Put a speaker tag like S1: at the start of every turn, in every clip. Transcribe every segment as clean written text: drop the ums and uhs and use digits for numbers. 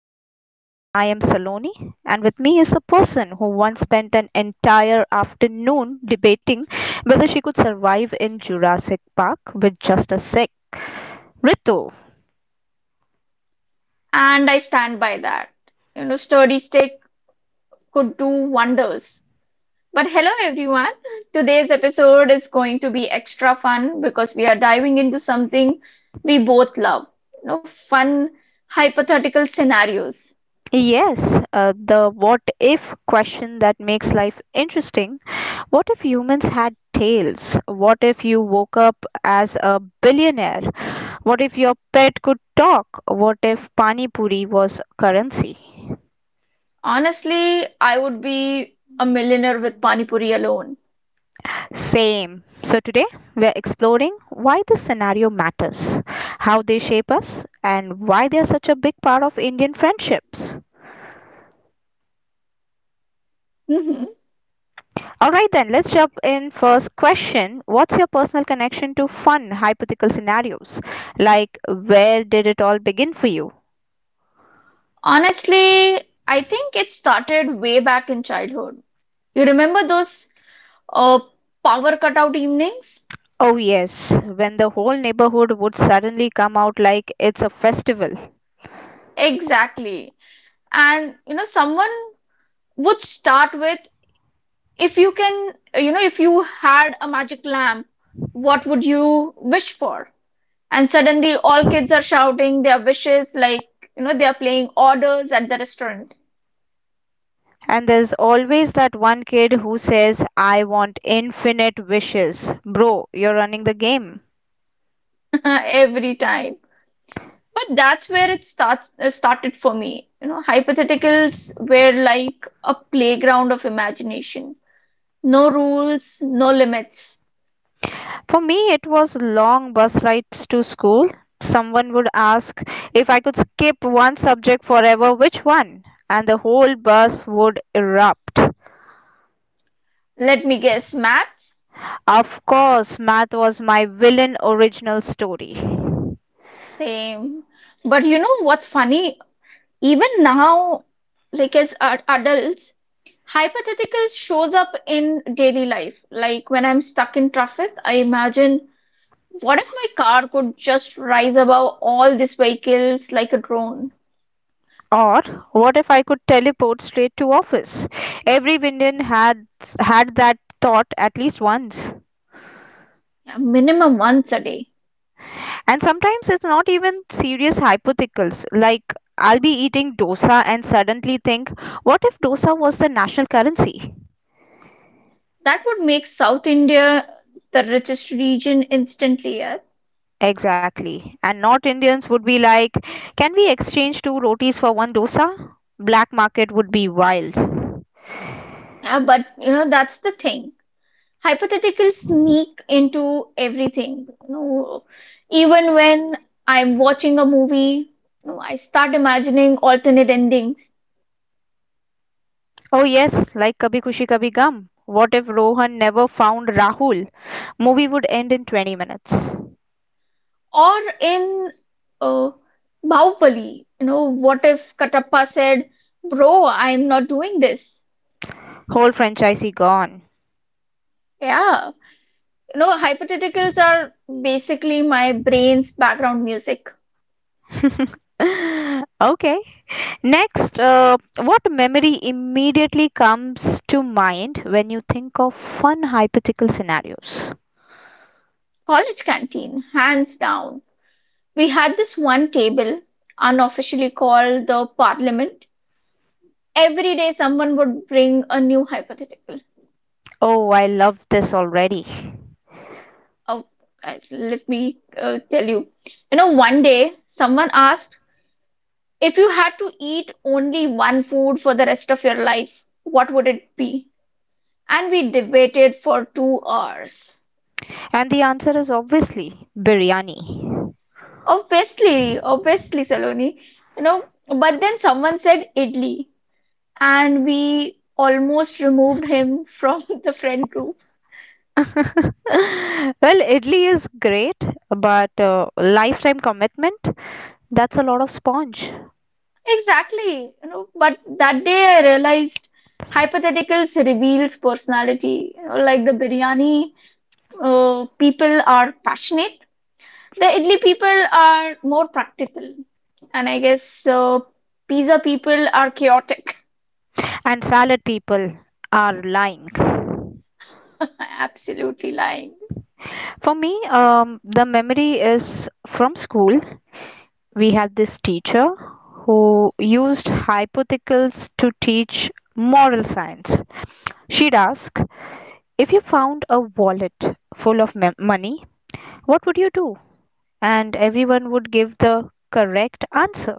S1: No Filter. I am Saloni, and with me is a person who once spent an entire afternoon debating whether she could survive in Jurassic Park with just a sick. Ritu,
S2: And I stand by that. You know, sturdy stick could do wonders. But hello everyone. Today's episode is going to be extra fun because we are diving into something we both love. You know, fun hypothetical scenarios.
S1: yes, the what if question that makes life interesting. What if humans had tails? What if you woke up as a billionaire? What if your pet could talk? What if Pani Puri was currency?
S2: Honestly, I would be a millionaire with Pani Puri alone.
S1: Same. So today we're exploring why this scenario matters, how they shape us, and why they're such a big part of Indian friendships.
S2: Mhm.
S1: Alright then, let's jump in first question. What's your personal connection to fun hypothetical scenarios? Like, where did it all begin for you?
S2: Honestly, I think it started way back in childhood. You remember those uh, power cutout evenings?
S1: Oh, yes, when the whole neighborhood would suddenly come out like it's a festival.
S2: Exactly. And you know someone would start with if you can, you know, if you had a magic lamp, what would you wish for? And suddenly all kids are shouting their wishes like, you know, they are playing orders at the restaurant.
S1: And there's always that one kid who says, I want infinite wishes. Bro, you're running the game.
S2: Every time. But that's where it starts started for me. You know, hypotheticals were like a playground of imagination, no rules, no limits.
S1: For me, it was long bus rides to school. Someone would ask if I could skip one subject forever, which one? And the whole bus would erupt.
S2: Let me guess, maths?
S1: Of course, math was my villain original story.
S2: Same. But you know what's funny? Even now, like as adults, hypotheticals shows up in daily life. Like when I'm stuck in traffic, I imagine, what if my car could just rise above all these vehicles like a drone?
S1: Or what if I could teleport straight to office? Every Indian had that thought at least once.
S2: Yeah, minimum once a day.
S1: And sometimes it's not even serious hypotheticals. Like, I'll be eating dosa and suddenly think, what if dosa was the national currency?
S2: That would make South India the richest region instantly. Yeah.
S1: Exactly. And not Indians would be like, can we exchange two rotis for one dosa? Black market would be wild.
S2: Yeah, but you know that's the thing. Hypotheticals sneak into everything, you know, even when I'm watching a movie, you know, I start imagining alternate endings.
S1: Oh, yes, like Kabhi Kushi Kabhi Gum. What if Rohan never found Rahul? Movie would end in 20 minutes.
S2: Or in uh, bahubali, you know, what if katappa said, bro, I'm not doing this?
S1: Whole franchisee gone.
S2: Yeah. You know, hypotheticals are basically my brain's background music.
S1: Okay. Next, what memory immediately comes to mind when you think of fun hypothetical scenarios?
S2: College canteen, hands down. We had this one table unofficially called the parliament. Every day someone would bring a new hypothetical.
S1: Oh, I love this already.
S2: Oh, let me tell you. You know, one day someone asked, if you had to eat only one food for the rest of your life, what would it be? And we debated for 2 hours.
S1: And the answer is obviously biryani.
S2: Obviously, obviously, Saloni, you know, but then someone said idli, and we almost removed him from the friend group.
S1: Well, Italy is great, but lifetime commitment, that's a lot of sponge.
S2: Exactly. You know, but that day I realized hypotheticals reveals personality. You know, like the biryani people are passionate. The idli people are more practical. And I guess pizza people are chaotic.
S1: And salad people are lying.
S2: Absolutely lying.
S1: For me, the memory is from school we had this teacher who used hypotheticals to teach moral science. She'd ask, if you found a wallet full of money, what would you do? And everyone would give the correct answer.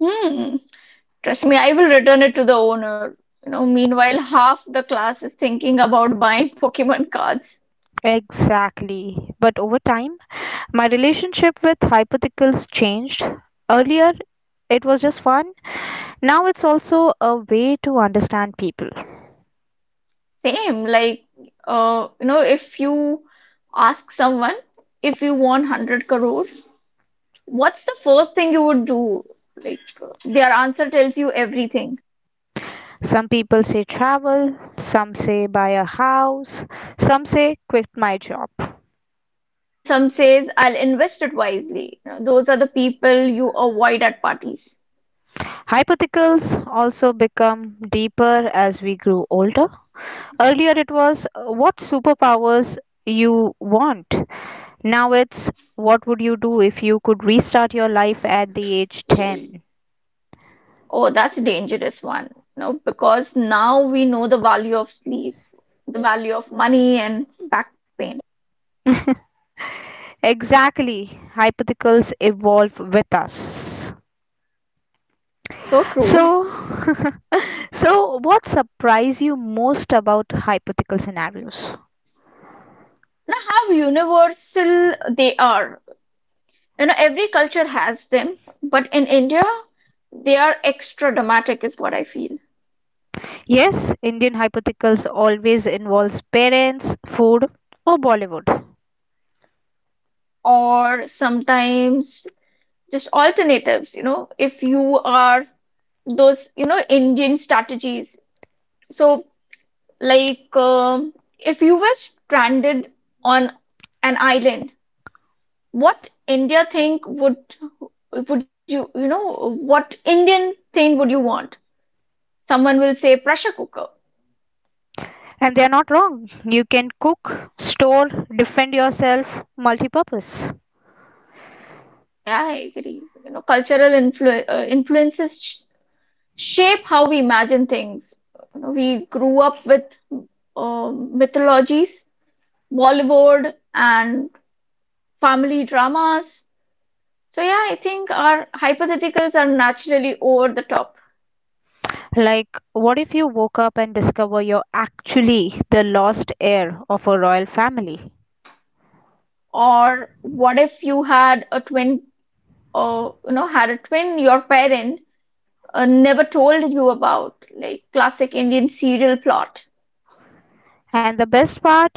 S2: Hmm. Trust me, I will return it to the owner. You know, meanwhile, half the class is thinking about buying Pokemon cards.
S1: Exactly. But over time, my relationship with hypotheticals changed. Earlier, it was just fun. Now it's also a way to understand people.
S2: Same, like, you know, if you ask someone, if you want 100 crores, what's the first thing you would do? Like, their answer tells you everything.
S1: Some people say travel, some say buy a house, some say quit my job.
S2: And some says, I'll invest it wisely. You know, those are the people you avoid at parties.
S1: Hypotheticals also become deeper as we grew older. Earlier it was what superpowers you want. Now it's what would you do if you could restart your life at the age 10?
S2: Oh, that's a dangerous one. You know, because now we know the value of sleep, the value of money and back pain.
S1: Exactly. Hypotheticals evolve with us.
S2: So true.
S1: So, so what surprised you most about hypothetical scenarios?
S2: Now how universal they are. You know, every culture has them, but in India, they are extra dramatic, is what I feel.
S1: Yes, Indian hypotheticals always involves parents, food, or Bollywood.
S2: Or sometimes just alternatives, you know, if you are those, you know, Indian strategies. So, like, if you were stranded on an island, what India thing would you, you know, what Indian thing would you want? Someone will say pressure cooker.
S1: And they are not wrong. You can cook, store, defend yourself, multi-purpose.
S2: Yeah, I agree. You know, cultural influ influences sh shape how we imagine things. You know, we grew up with mythologies, Bollywood, and family dramas. So yeah, I think our hypotheticals are naturally over the top.
S1: Like, what if you woke up and discover you're actually the lost heir of a royal family?
S2: Or what if you had a twin, or, you know, had a twin your parent never told you about, like classic Indian serial plot?
S1: And the best part,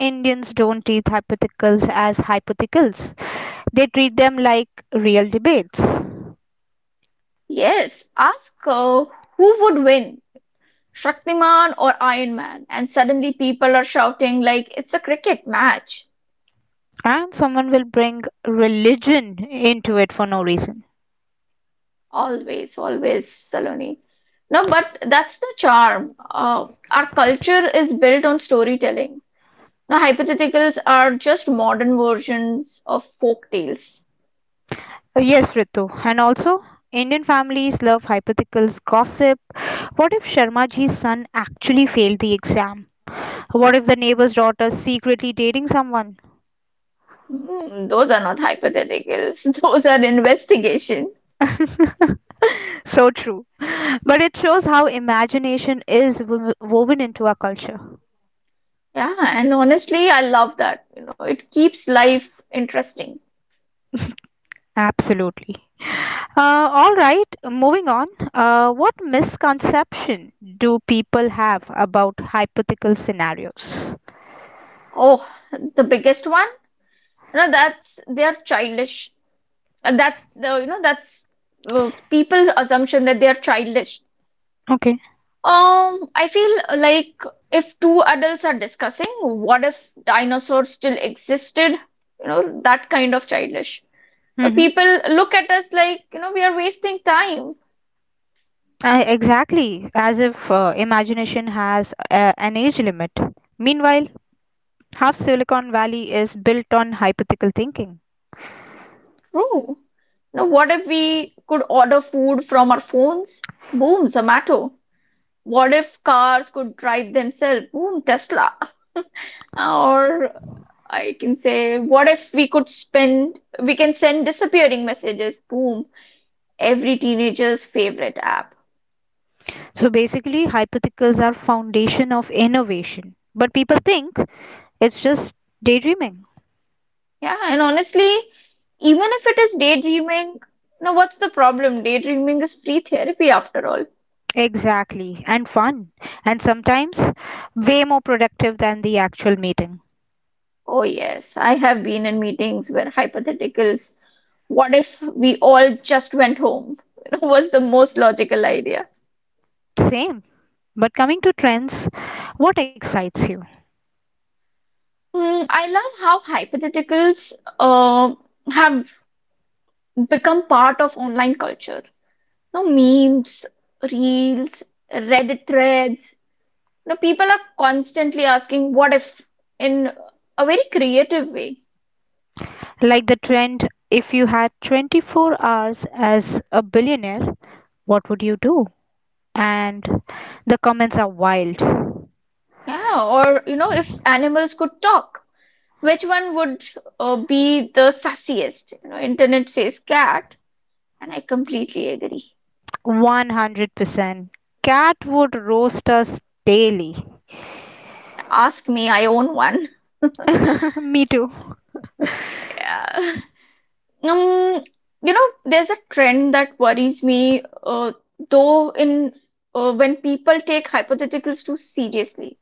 S1: Indians don't treat hypotheticals as hypotheticals. They treat them like real debates.
S2: Yes. Ask who would win, Shaktiman or Iron Man, and suddenly people are shouting like it's a cricket match.
S1: And someone will bring religion into it for no reason.
S2: Always, always, Saloni. No, but that's the charm. Uh, our culture is built on storytelling. Now hypotheticals are just modern versions of folk tales.
S1: Yes, Ritu. And also, Indian families love hypotheticals, gossip. What if Sharmaji's son actually failed the exam? What if the neighbor's daughter's secretly dating someone?
S2: Mm, those are not hypotheticals. Those are investigation.
S1: So true. But it shows how imagination is woven into our culture.
S2: Yeah, and honestly, I love that. You know, it keeps life interesting.
S1: Absolutely. All right, moving on. What misconception do people have about hypothetical scenarios?
S2: Oh, the biggest one? You know, that's they are childish. And That the you know that's People's assumption that they are childish.
S1: Okay.
S2: I feel like if two adults are discussing what if dinosaurs still existed, you know, that kind of childish.
S1: Mm-hmm.
S2: People look at us like, you know, we are wasting time.
S1: Exactly, as if imagination has a, an age limit. Meanwhile, half Silicon Valley is built on hypothetical thinking.
S2: True. Now, what if we could order food from our phones? Boom, Zomato. What if cars could drive themselves? Boom, Tesla. Or I can say, what if we can send disappearing messages? Boom, every teenager's favorite app.
S1: So basically, hypotheticals are foundation of innovation. But people think it's just daydreaming.
S2: Yeah, and honestly, even if it is daydreaming, no, what's the problem? Daydreaming is free therapy after all.
S1: Exactly, and fun, and sometimes way more productive than the actual meeting.
S2: Oh, yes, I have been in meetings where hypotheticals, what if we all just went home? You know, was the most logical idea.
S1: Same. But coming to trends, what excites you?
S2: Mm, I love how hypotheticals uh, have become part of online culture. No, memes, reels, Reddit threads. No, people are constantly asking what if in a very creative way.
S1: Like the trend, if you had 24 hours as a billionaire, what would you do? And the comments are wild.
S2: Yeah, or you know, if animals could talk, which one would be the sassiest? You know, internet says cat, and I completely agree.
S1: 100%. Cat would roast us daily.
S2: Ask me, I own one.
S1: Me too.
S2: Yeah. Um, you know, there's a trend that worries me, though, in when people take hypotheticals too seriously.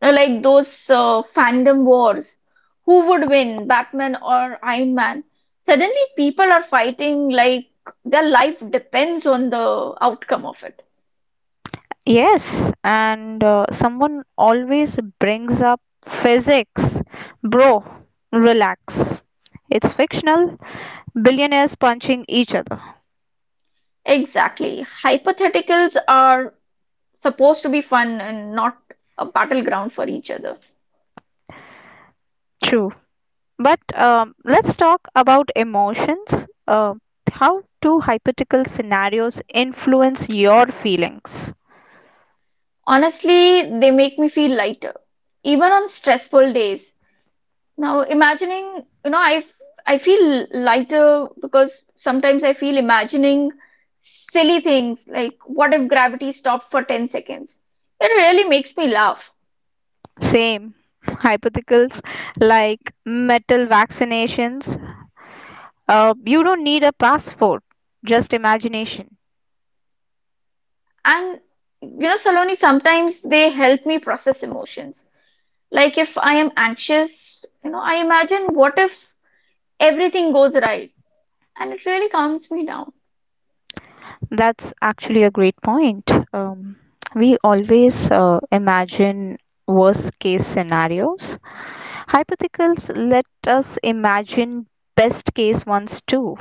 S2: You know, like those fandom wars. Who would win, Batman or Iron Man? Suddenly, people are fighting like their life depends on the outcome of it.
S1: Yes, and someone always brings up physics. Bro, relax. It's fictional, billionaires punching each other.
S2: Exactly. Hypotheticals are supposed to be fun and not a battleground for each other.
S1: True. But let's talk about emotions. Uh, how do hypothetical scenarios influence your feelings?
S2: Honestly, they make me feel lighter, even on stressful days. Now, imagining, you know, I feel lighter because sometimes I feel imagining silly things like what if gravity stopped for 10 seconds? It really makes me laugh.
S1: Same. Hypotheticals like metal vaccinations. You don't need a passport, just imagination.
S2: And you know, Saloni, sometimes they help me process emotions. Like if I am anxious, you know, I imagine, what if everything goes right, and it really calms me down.
S1: That's actually a great point. We always imagine worst case scenarios. Hypotheticals let us imagine best case ones too.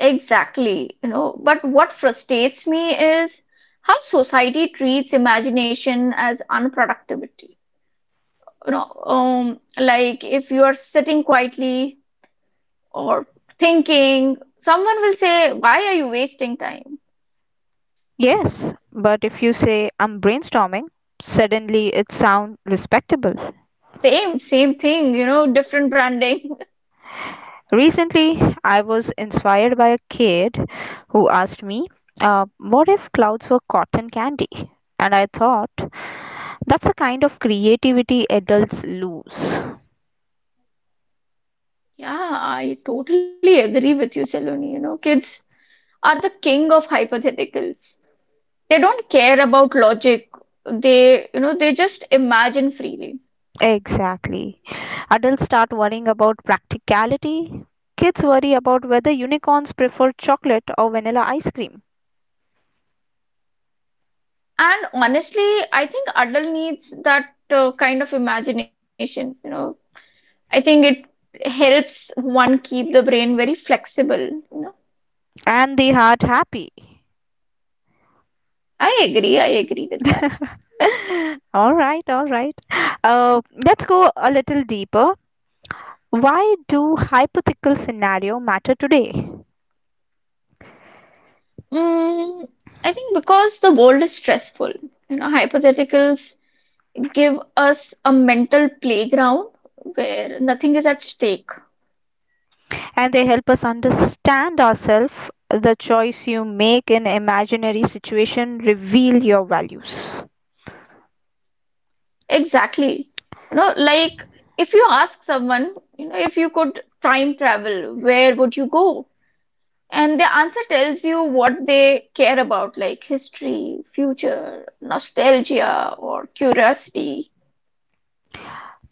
S2: Exactly. You know, but what frustrates me is how society treats imagination as unproductivity. You know, like if you are sitting quietly or thinking, someone will say, why are you wasting time?
S1: Yes, but if you say I'm brainstorming, suddenly it sounds respectable.
S2: Same, same thing, you know, different branding.
S1: Recently, I was inspired by a kid who asked me, what if clouds were cotton candy? And I thought, that's the kind of creativity adults lose.
S2: Yeah, I totally agree with you, Saloni. You know, kids are the king of hypotheticals. They don't care about logic. They, you know, they just imagine freely.
S1: Exactly. Adults start worrying about practicality. Kids worry about whether unicorns prefer chocolate or vanilla ice cream.
S2: And honestly, I think adult needs that kind of imagination, you know. I think it helps one keep the brain very flexible, you know.
S1: And they are happy.
S2: I agree with that.
S1: All right, all right. Let's go a little deeper. Why do hypothetical scenario matter today?
S2: Mm, I think because the world is stressful, you know, hypotheticals give us a mental playground where nothing is at stake.
S1: And they help us understand ourselves. The choice you make in imaginary situation reveal your values.
S2: Exactly. You know, like if you ask someone, you know, if you could time travel, where would you go? And the answer tells you what they care about, like history, future, nostalgia, or curiosity.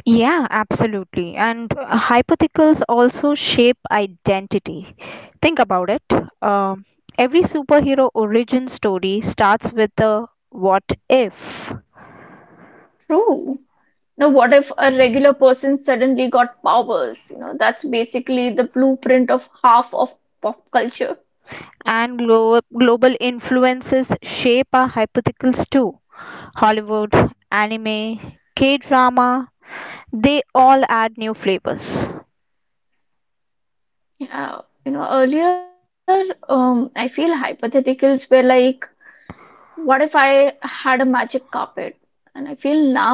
S1: Yeah, absolutely. And hypotheticals also shape identity. Think about it. Um, every superhero origin story starts with the what if,
S2: True. Now, what if a regular person suddenly got powers? You know, that's basically the blueprint of half of pop culture.
S1: and global influences shape our hypotheticals too. Hollywood, anime, K drama, they all add new flavors.
S2: Yeah. You know, earlier, I feel hypotheticals were like, what if I had a magic carpet? And I feel now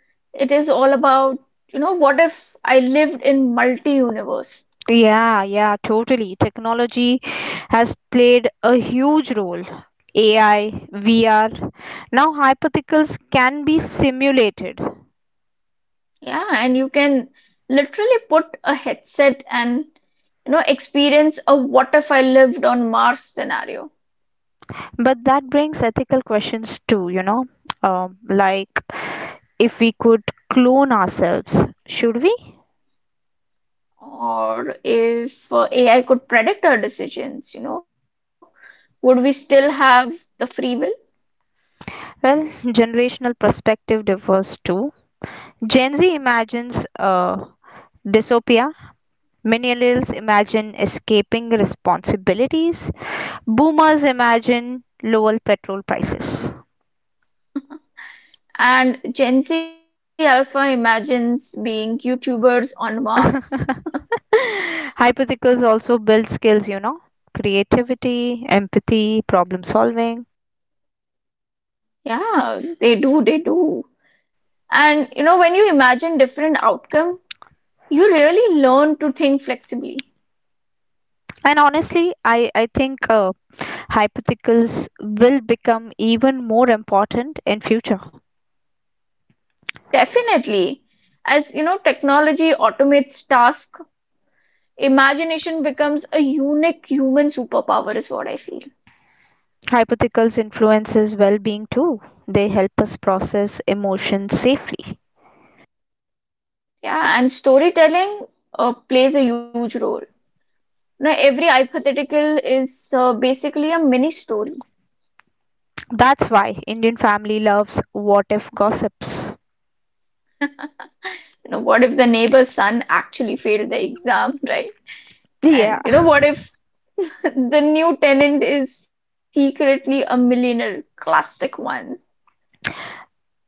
S2: it is all about, you know, what if I lived in multi-universe?
S1: Yeah, yeah, totally. Technology has played a huge role. AI, VR. Now, hypotheticals can be simulated.
S2: Yeah, and you can literally put a headset and, you know, experience a what if I lived on Mars scenario.
S1: But that brings ethical questions too, you know, like if we could clone ourselves, should we?
S2: Or if AI could predict our decisions, you know, would we still have the free will?
S1: Well, generational perspective differs too. Gen Z imagines dystopia, millennials imagine escaping responsibilities, Boomers imagine lower petrol prices.
S2: And Gen Z Alpha imagines being YouTubers on Mars.
S1: Hypotheticals also build skills, you know, creativity, empathy, problem solving.
S2: Yeah, they do, they do. And you know, when you imagine different outcome, you really learn to think flexibly.
S1: And honestly, I think hypotheticals will become even more important in future.
S2: Definitely. As you know, technology automates task. Imagination becomes a unique human superpower, is what I feel.
S1: Hypotheticals influences well-being too. They help us process emotions safely.
S2: Yeah, and storytelling plays a huge role. Now, every hypothetical is basically a mini story.
S1: That's why Indian family loves what if gossips.
S2: You know, what if the neighbor's son actually failed the exam, right? And
S1: Yeah.
S2: you know, what if the new tenant is secretly a millionaire? Classic one.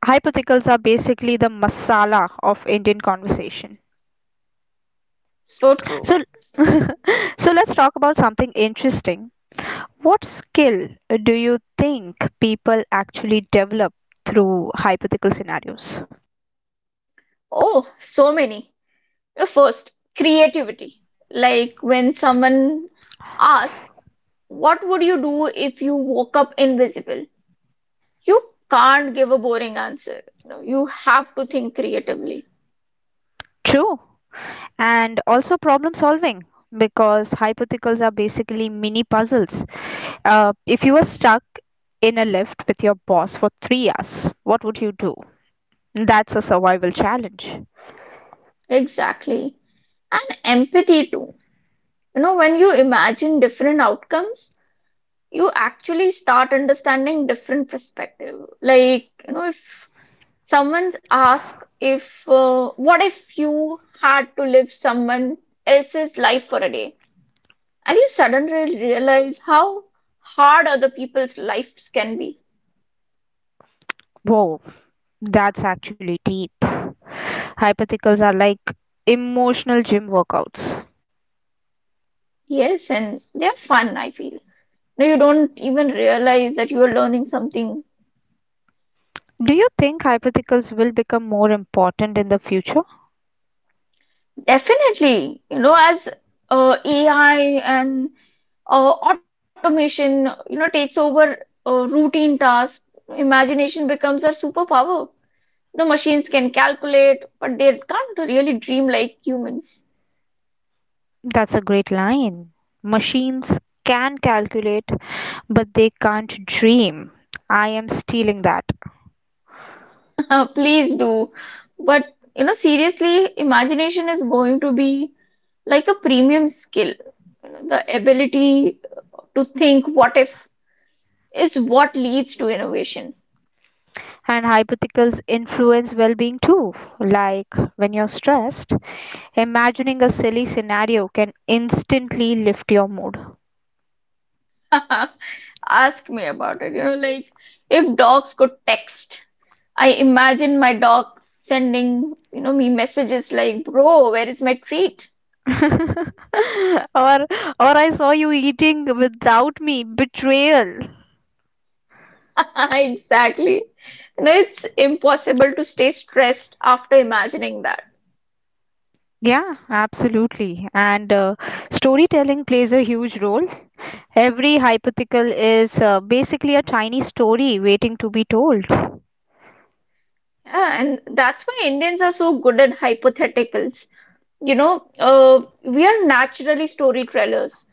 S1: Hypotheticals are basically the masala of Indian conversation.
S2: So true.
S1: So, so let's talk about something interesting. What skill do you think people actually develop through hypothetical scenarios?
S2: Oh, so many. First, creativity. Like when someone asks, what would you do if you woke up invisible? You can't give a boring answer. No, you have to think creatively.
S1: True. And also problem solving because hypotheticals are basically mini puzzles. If you were stuck in a lift with your boss for 3 hours, what would you do? That's a survival challenge.
S2: Exactly. And empathy too. You know, when you imagine different outcomes, you actually start understanding different perspective. Like, you know, if someone asks if, what if you had to live someone else's life for a day? And you suddenly realize how hard other people's lives can be.
S1: Whoa, that's actually deep. Hypotheticals are like emotional gym workouts.
S2: Yes, and they're fun, I feel. No, you don't even realize that you are learning something.
S1: Do you think hypotheticals will become more important in the future?
S2: Definitely, you know, as AI and automation, you know, takes over routine tasks, imagination becomes a superpower. You know, machines can calculate, but they can't really dream like humans.
S1: That's a great line. Machines can calculate, but they can't dream. I am stealing that.
S2: Please do. But you know, seriously, imagination is going to be like a premium skill. You know, the ability to think what if is what leads to innovation.
S1: And hypotheticals influence well being too. Like when you're stressed, imagining a silly scenario can instantly lift your mood.
S2: Ask me about it. You know, like if dogs could text, I imagine my dog sending, you know, me messages like, bro, where is my treat?
S1: Or I saw you eating without me. Betrayal.
S2: Exactly. You know, it's impossible to stay stressed after imagining.
S1: Yeah, absolutely. And storytelling plays a huge role. Every hypothetical is basically a tiny story waiting to be told.
S2: Yeah, and that's why Indians are so good at hypotheticals. You know, we are naturally storytellers.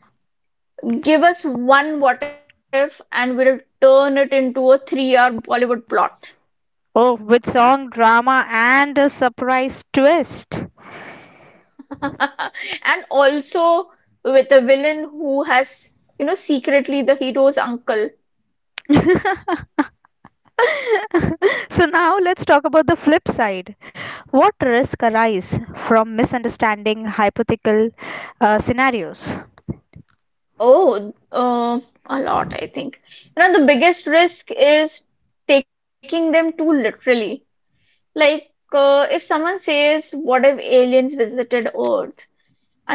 S2: Give us one what if, and we'll turn it into a three-hour Bollywood plot.
S1: Oh, with song, drama, and a surprise twist.
S2: And also with a villain who has, you know, secretly the hero's uncle.
S1: So now let's talk about the flip side. What risk arise from misunderstanding hypothetical scenarios?
S2: Oh, a lot, I think. You know, the biggest risk is taking them too literally. Like, if someone says, what if aliens visited Earth?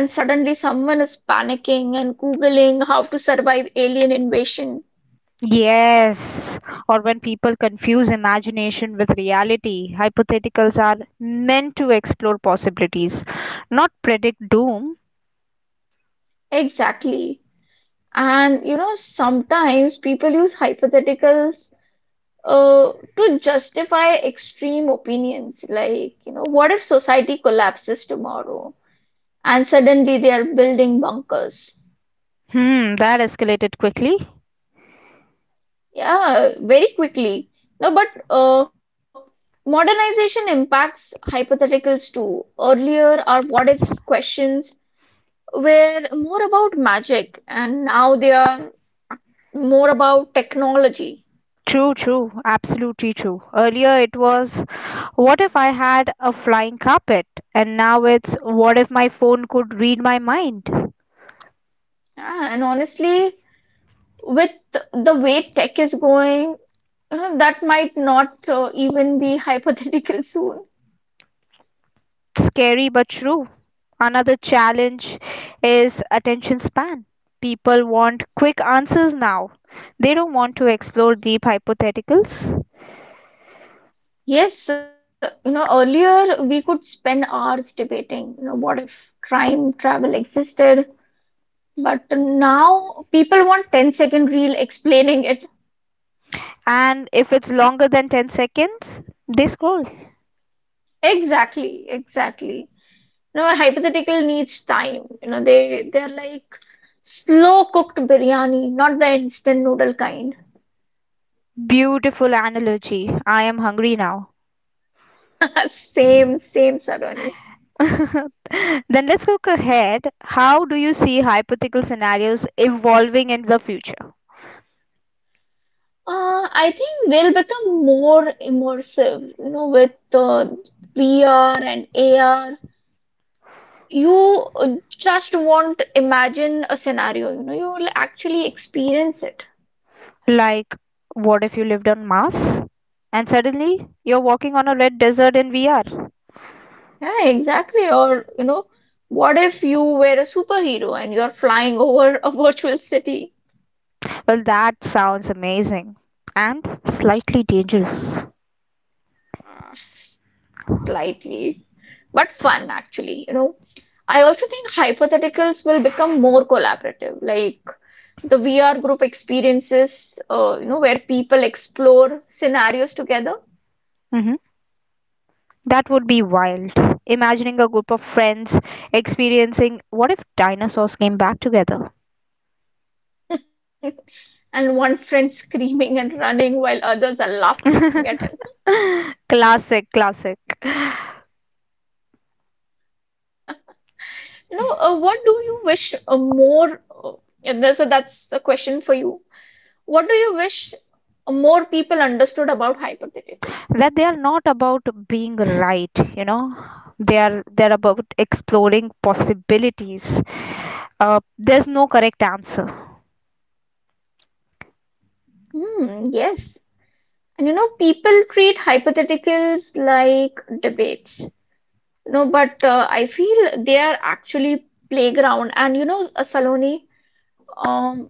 S2: And suddenly someone is panicking and googling how to survive alien invasion.
S1: Yes, or when people confuse imagination with reality, hypotheticals are meant to explore possibilities, not predict doom.
S2: Exactly. And you know sometimes people use hypotheticals to justify extreme opinions, like you know what if society collapses tomorrow and suddenly they are building bunkers.
S1: Hmm, that escalated quickly.
S2: Yeah, very quickly. No, but modernization impacts hypotheticals too. Earlier our what ifs questions were more about magic, and now they are more about technology.
S1: True, true, absolutely true. Earlier it was, what if I had a flying carpet? And now it's, what if my phone could read my mind?
S2: Yeah, and honestly, with the way tech is going, you know, that might not even be hypothetical soon.
S1: Scary but true. Another challenge is attention span. People want quick answers now. They don't want to explore deep hypotheticals.
S2: Yes, you know, earlier we could spend hours debating, you know, what if time travel existed? But now people want ten-second reel explaining it.
S1: And if it's longer than 10 seconds, they scroll.
S2: Exactly, exactly. You know, hypothetical needs time. You know, they're like slow cooked biryani, not the instant noodle kind.
S1: Beautiful analogy. I am hungry now.
S2: Same, same, Saroni.
S1: Then let's look ahead. How do you see hypothetical scenarios evolving in the future?
S2: I think they'll become more immersive, you know, with VR and AR. You just won't imagine a scenario, you know, you will actually experience it.
S1: Like, what if you lived on Mars and suddenly you're walking on a red desert in VR?
S2: Yeah, exactly. Or, you know, what if you were a superhero and you're flying over a virtual city?
S1: Well, that sounds amazing and slightly dangerous.
S2: Slightly, but fun actually, I also think hypotheticals will become more collaborative, like the VR group experiences, you know, where people explore scenarios together.
S1: Hmm, that would be wild. Imagining a group of friends experiencing what if dinosaurs came back together?
S2: And one friend screaming and running while others are laughing at him.
S1: Classic, classic.
S2: What do you wish more? So that's a question for you. What do you wish more people understood about hypothetical?
S1: That they are not about being right, you know, they're about exploring possibilities. There's no correct answer.
S2: Hmm, yes. And you know, people treat hypotheticals like debates. You know, but I feel they are actually playground. And you know, Saloni, um,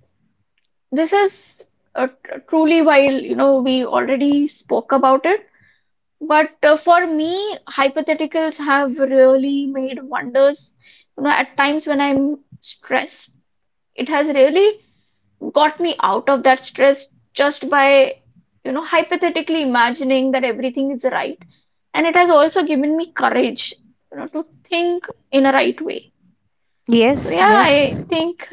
S2: this is truly, while you know we already spoke about it. But for me, hypotheticals have really made wonders. You know, at times when I'm stressed, it has really got me out of that stress just by you know hypothetically imagining that everything is right. And it has also given me courage, you know, to think in a right way.
S1: Yes,
S2: So yeah,
S1: yes.
S2: I think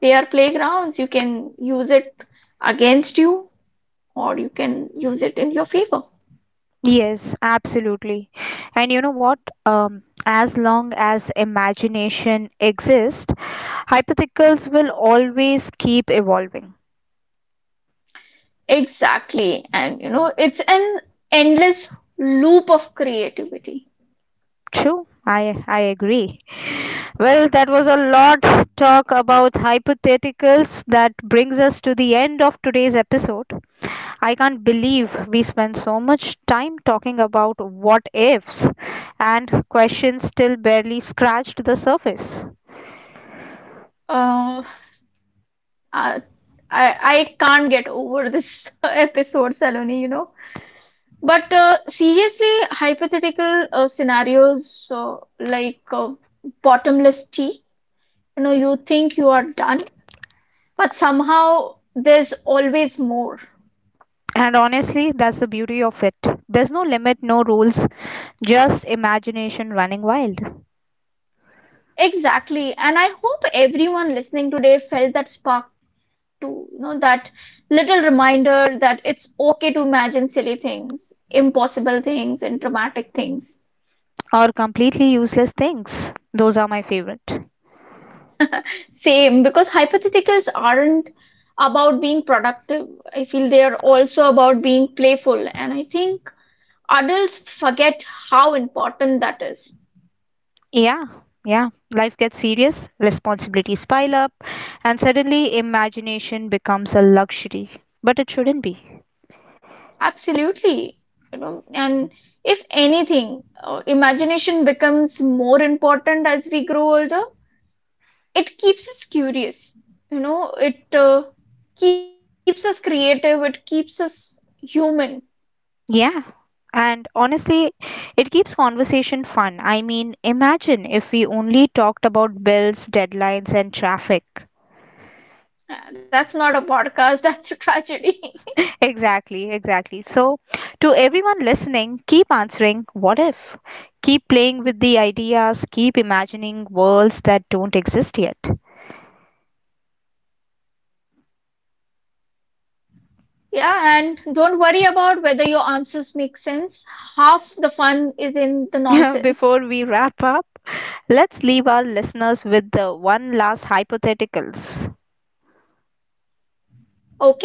S2: they are playgrounds. You can use it against you, or you can use it in your favor.
S1: Yes, absolutely. And you know what, as long as imagination exists hypotheticals will always keep evolving.
S2: Exactly. And you know, it's an endless loop of creativity.
S1: True, I agree. Well, that was a lot talk about hypotheticals that brings us to the end of today's episode. I can't believe we spent so much time talking about what ifs and questions still barely scratched the surface.
S2: uh, uh, I, I can't get over this episode, Saloni, you know. But seriously, hypothetical scenarios like bottomless tea, you know, you think you are done, but somehow there's always more.
S1: And honestly, that's the beauty of it. There's no limit, no rules, just imagination running wild
S2: Exactly. And I hope everyone listening today felt that spark too, you know, that little reminder that it's okay to imagine silly things, impossible things, and dramatic things.
S1: or completely useless things. Those are my favorite.
S2: Same, because hypotheticals aren't about being productive. I feel they are also about being playful. And I think adults forget how important that is.
S1: Yeah, yeah. Life gets serious, responsibilities pile up, and suddenly imagination becomes a luxury. But it shouldn't be.
S2: Absolutely. You know, and if anything, imagination becomes more important as we grow older. It keeps us curious. You know, it keeps us creative. It keeps us human.
S1: Yeah. And honestly, it keeps conversation fun. I mean, imagine if we only talked about bills, deadlines, and traffic.
S2: That's not a podcast, that's a tragedy.
S1: Exactly, exactly. So, to everyone listening, keep answering what if. Keep playing with the ideas, keep imagining worlds that don't exist yet.
S2: Yeah, and don't worry about whether your answers make sense. Half the fun is in the
S1: Before
S2: nonsense.
S1: we wrap up, let's leave our listeners with the one last hypotheticals.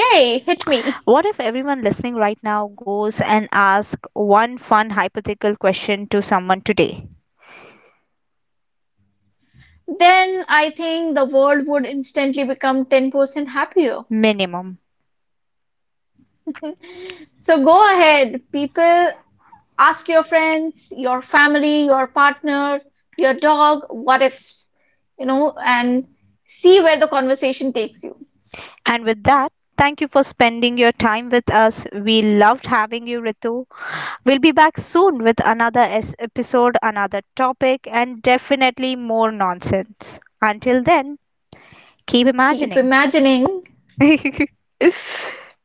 S2: Okay, hit
S1: What
S2: me.
S1: if everyone listening right now goes and asks one fun hypothetical question to someone today?
S2: Then I think the world would instantly become 10% happier.
S1: Minimum.
S2: So go ahead, people. Ask your friends, your family, your partner, your dog, what ifs, you know, and see where the conversation takes you.
S1: And with that, thank you for spending your time with us. We loved having you, Ritu. We'll be back soon with another episode, another topic, and definitely more nonsense. Until then, keep
S2: Keep
S1: imagining.
S2: imagining.